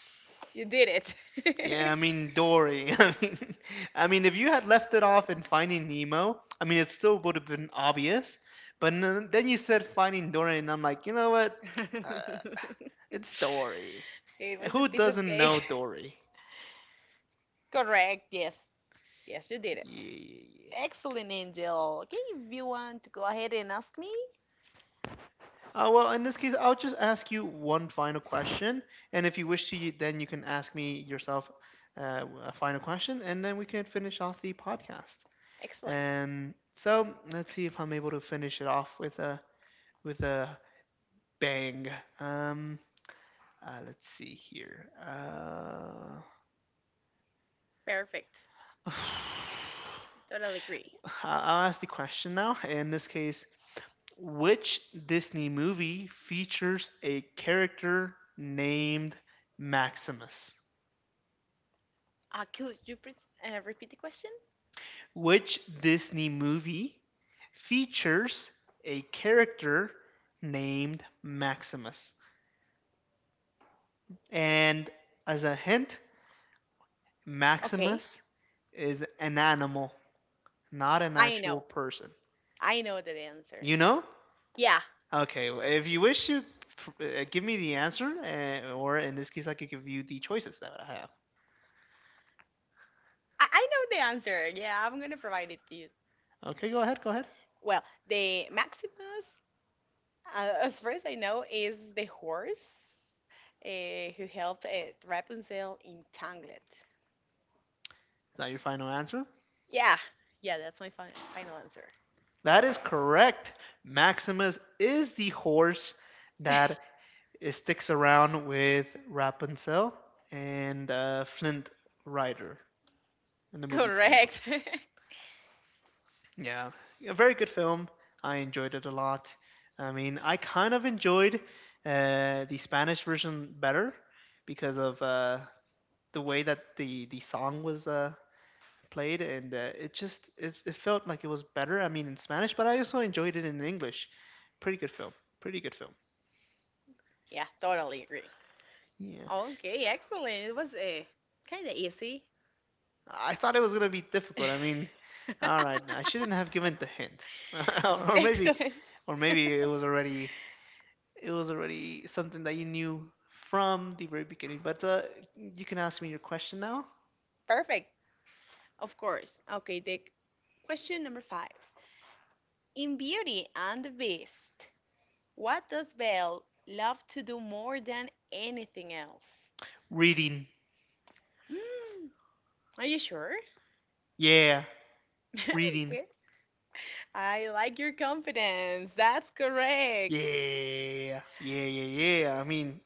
Speaker 2: You did it.
Speaker 1: Yeah, I mean Dory. I mean, if you had left it off in Finding Nemo, I mean, it still would have been obvious. But then you said Finding Dory, and I'm like, you know what? Uh, it's Dory.
Speaker 2: It was a
Speaker 1: Who
Speaker 2: piece of
Speaker 1: doesn't
Speaker 2: cake.
Speaker 1: know Dory?
Speaker 2: Correct. Yes. Yes, you did
Speaker 1: Yeah,
Speaker 2: it.
Speaker 1: yeah, yeah.
Speaker 2: Excellent, Angel. Okay, if you want to go ahead and ask me.
Speaker 1: Well, in this case, I'll just ask you one final question, and if you wish to, you, then you can ask me yourself a final question, and then we can finish off the podcast.
Speaker 2: Excellent.
Speaker 1: And so let's see if I'm able to finish it off with a with a bang. Um, let's see here.
Speaker 2: Perfect. Totally agree.
Speaker 1: I'll ask the question now. In this case, which Disney movie features a character named Maximus?
Speaker 2: Could you please repeat the question?
Speaker 1: Which Disney movie features a character named Maximus? And as a hint,
Speaker 2: Okay.
Speaker 1: Maximus is an animal, not an
Speaker 2: I
Speaker 1: actual
Speaker 2: know.
Speaker 1: person.
Speaker 2: I know the answer.
Speaker 1: You know?
Speaker 2: Yeah.
Speaker 1: Okay, well, if you wish to give me the answer, or in this case, I could give you the choices that I have.
Speaker 2: I know the answer. Yeah, I'm going to provide it to you.
Speaker 1: Okay, go ahead, go ahead. Is
Speaker 2: Well, the Maximus, as far as I know, is the horse who helped Rapunzel in Tangled.
Speaker 1: that your final answer?
Speaker 2: Yeah. Yeah, that's my final answer.
Speaker 1: That is correct. Maximus is the horse that it sticks around with Rapunzel and Flint Rider in the movie Tangled.
Speaker 2: Correct.
Speaker 1: Yeah, a very good film. I enjoyed it a lot. I mean, I kind of enjoyed the Spanish version better because of the way that the song was played, and it felt like it was better. I mean, in Spanish, but I also enjoyed it in English. Pretty good film. Pretty good film.
Speaker 2: Yeah, totally agree.
Speaker 1: Yeah.
Speaker 2: Okay, excellent. It was kind of easy.
Speaker 1: I thought it was gonna be difficult. I mean, all right, I shouldn't have given the hint, or maybe,
Speaker 2: Excellent.
Speaker 1: or maybe it was already something that you knew from the very beginning. But you can ask me your question now.
Speaker 2: Perfect. Of course. Okay, the question number five. In Beauty and the Beast, what does Belle love to do more than anything else?
Speaker 1: Reading,
Speaker 2: Hmm, Are you sure?
Speaker 1: yeah, reading,
Speaker 2: Okay. I like your confidence. That's correct.
Speaker 1: yeah, yeah, yeah, yeah. I mean,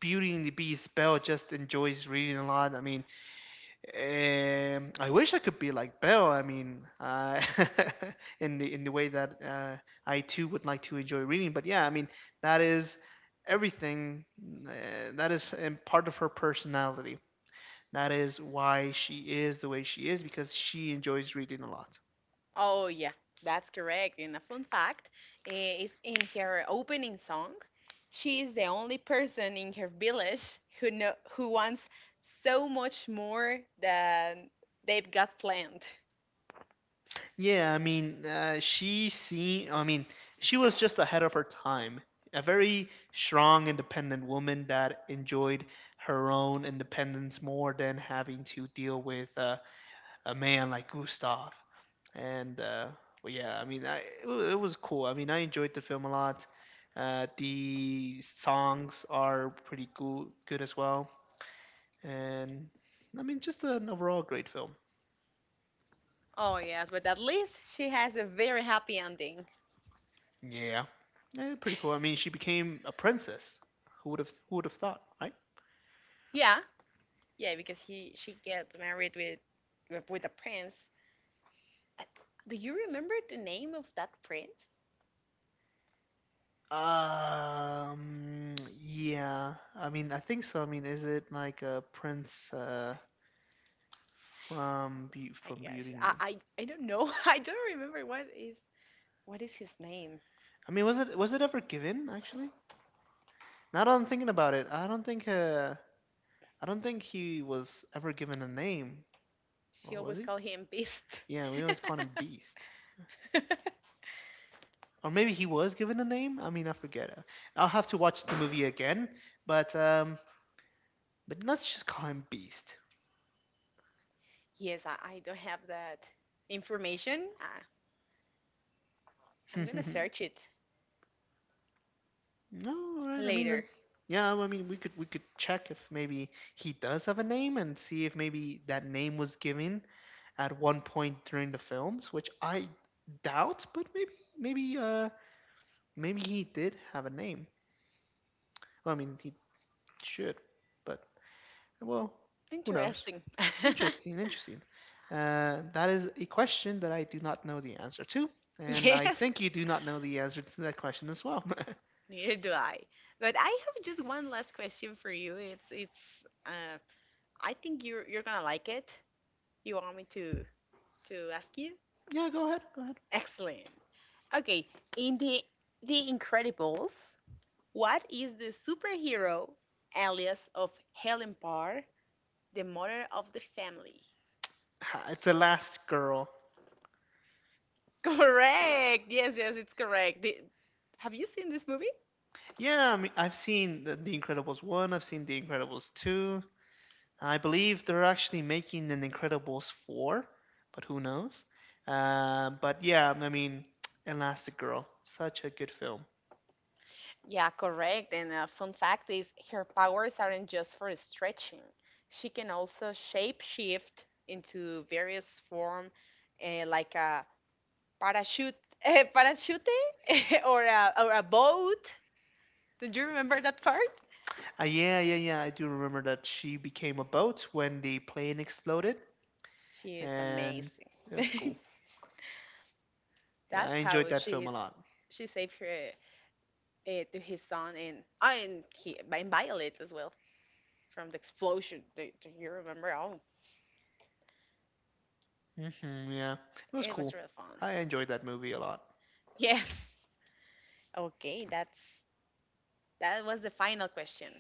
Speaker 1: Beauty and the Beast, Belle just enjoys reading a lot. I mean, I wish I could be like Bell. I mean, in the way that I too would like to enjoy reading. But yeah, I mean, that is everything. That is part of her personality. That is why she is the way she is because she enjoys reading a lot.
Speaker 2: Oh, yeah, that's correct. And a fun fact is in her opening song, she is the only person in her village who know, who wants so much more than they've got planned.
Speaker 1: Yeah, I mean, she seen. I mean, she was just ahead of her time. A very strong, independent woman that enjoyed her own independence more than having to deal with a man like Gustav. And well, yeah, I mean, it was cool. I mean, I enjoyed the film a lot. The songs are pretty cool, good as well. And I mean, just an overall great film.
Speaker 2: Oh, yes, but at least she has a very happy ending.
Speaker 1: Yeah. Eh, pretty cool. I mean, she became a princess. Who would have thought, right?
Speaker 2: Yeah, yeah, because he she gets married with with a prince. I- Do you remember the name of that prince?
Speaker 1: Um, yeah. I mean, I think so. I mean, is it like a prince from from Beauty and the-
Speaker 2: I don't know. I don't remember what is his name.
Speaker 1: I mean, was it ever given actually? Now that I'm thinking about it, I don't think he was ever given a name, or
Speaker 2: She
Speaker 1: was
Speaker 2: always
Speaker 1: he?
Speaker 2: call him Beast.
Speaker 1: Yeah, we always called him Beast. Or maybe he was given a name. I mean, I forget. I'll have to watch the movie again, but um but let's just call him Beast.
Speaker 2: Yes, I don't have that information. I, I'm
Speaker 1: No,
Speaker 2: gonna
Speaker 1: right?
Speaker 2: search it
Speaker 1: I mean, that,
Speaker 2: later.
Speaker 1: yeah. I mean, we could check if maybe he does have a name and see if maybe that name was given at one point during the films, which I doubt. But maybe uh maybe he did have a name. Well, I mean, he should. But well, who knows?
Speaker 2: Interesting.
Speaker 1: Interesting, interesting. That is a question that I do not know the answer to, and I
Speaker 2: Yes,
Speaker 1: think you do not know the answer to that question as well.
Speaker 2: neither do I. But I have just one last question for you. It's it's. Uh, I think you're gonna like it. You want me to ask you?
Speaker 1: Yeah, go ahead. Go ahead.
Speaker 2: Excellent. Okay, in the Incredibles, what is the superhero alias of Helen Parr, the mother of the family?
Speaker 1: It's the last girl.
Speaker 2: Correct. Yes, yes, it's correct. Have you seen this movie?
Speaker 1: Yeah, I mean, I've seen the Incredibles 1, I've seen The Incredibles 2. I believe they're actually making an Incredibles 4, but who knows? But yeah, I mean, Elastigirl, such a good film.
Speaker 2: Yeah, correct. And a fun fact is her powers aren't just for stretching. She can also shape shift into various form, eh, like a parachute, parachute, or a boat. Did you remember that part?
Speaker 1: Yeah, yeah, yeah, I do remember that she became a boat when the plane exploded,
Speaker 2: She is
Speaker 1: and
Speaker 2: amazing.
Speaker 1: that's cool. Yeah, I
Speaker 2: That's
Speaker 1: enjoyed
Speaker 2: how
Speaker 1: that film a lot.
Speaker 2: she saved her to his son and I and he and Violet as well from the explosion. Do you remember? Oh,
Speaker 1: Hmm, yeah, it was
Speaker 2: it was
Speaker 1: cool.
Speaker 2: real fun.
Speaker 1: I enjoyed that movie a lot.
Speaker 2: Yes. Okay, that was the final question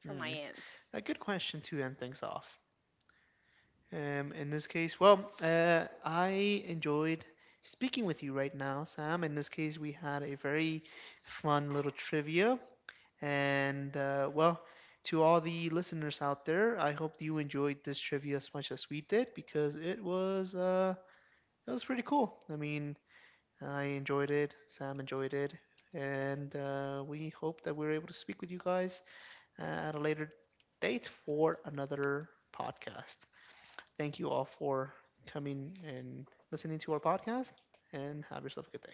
Speaker 2: from my
Speaker 1: Mm.
Speaker 2: end.
Speaker 1: A good question to end things off. In this case, well, I enjoyed speaking with you right now, Sam. In this case, we had a very fun little trivia. And, well, to all the listeners out there, I hope you enjoyed this trivia as much as we did because it was pretty cool. I mean, I enjoyed it, Sam enjoyed it. And we hope that we were able to speak with you guys at a later date for another podcast. Thank you all for coming and listening to our podcast, and have yourself a good day.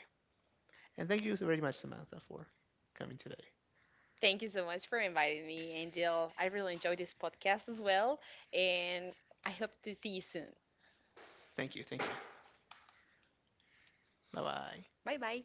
Speaker 1: And thank you very much, Samantha, for coming today.
Speaker 2: Thank you so much for inviting me, Angel. I really enjoyed this podcast as well, and I hope to see you soon.
Speaker 1: Thank you. Thank you. Bye bye.
Speaker 2: Bye bye.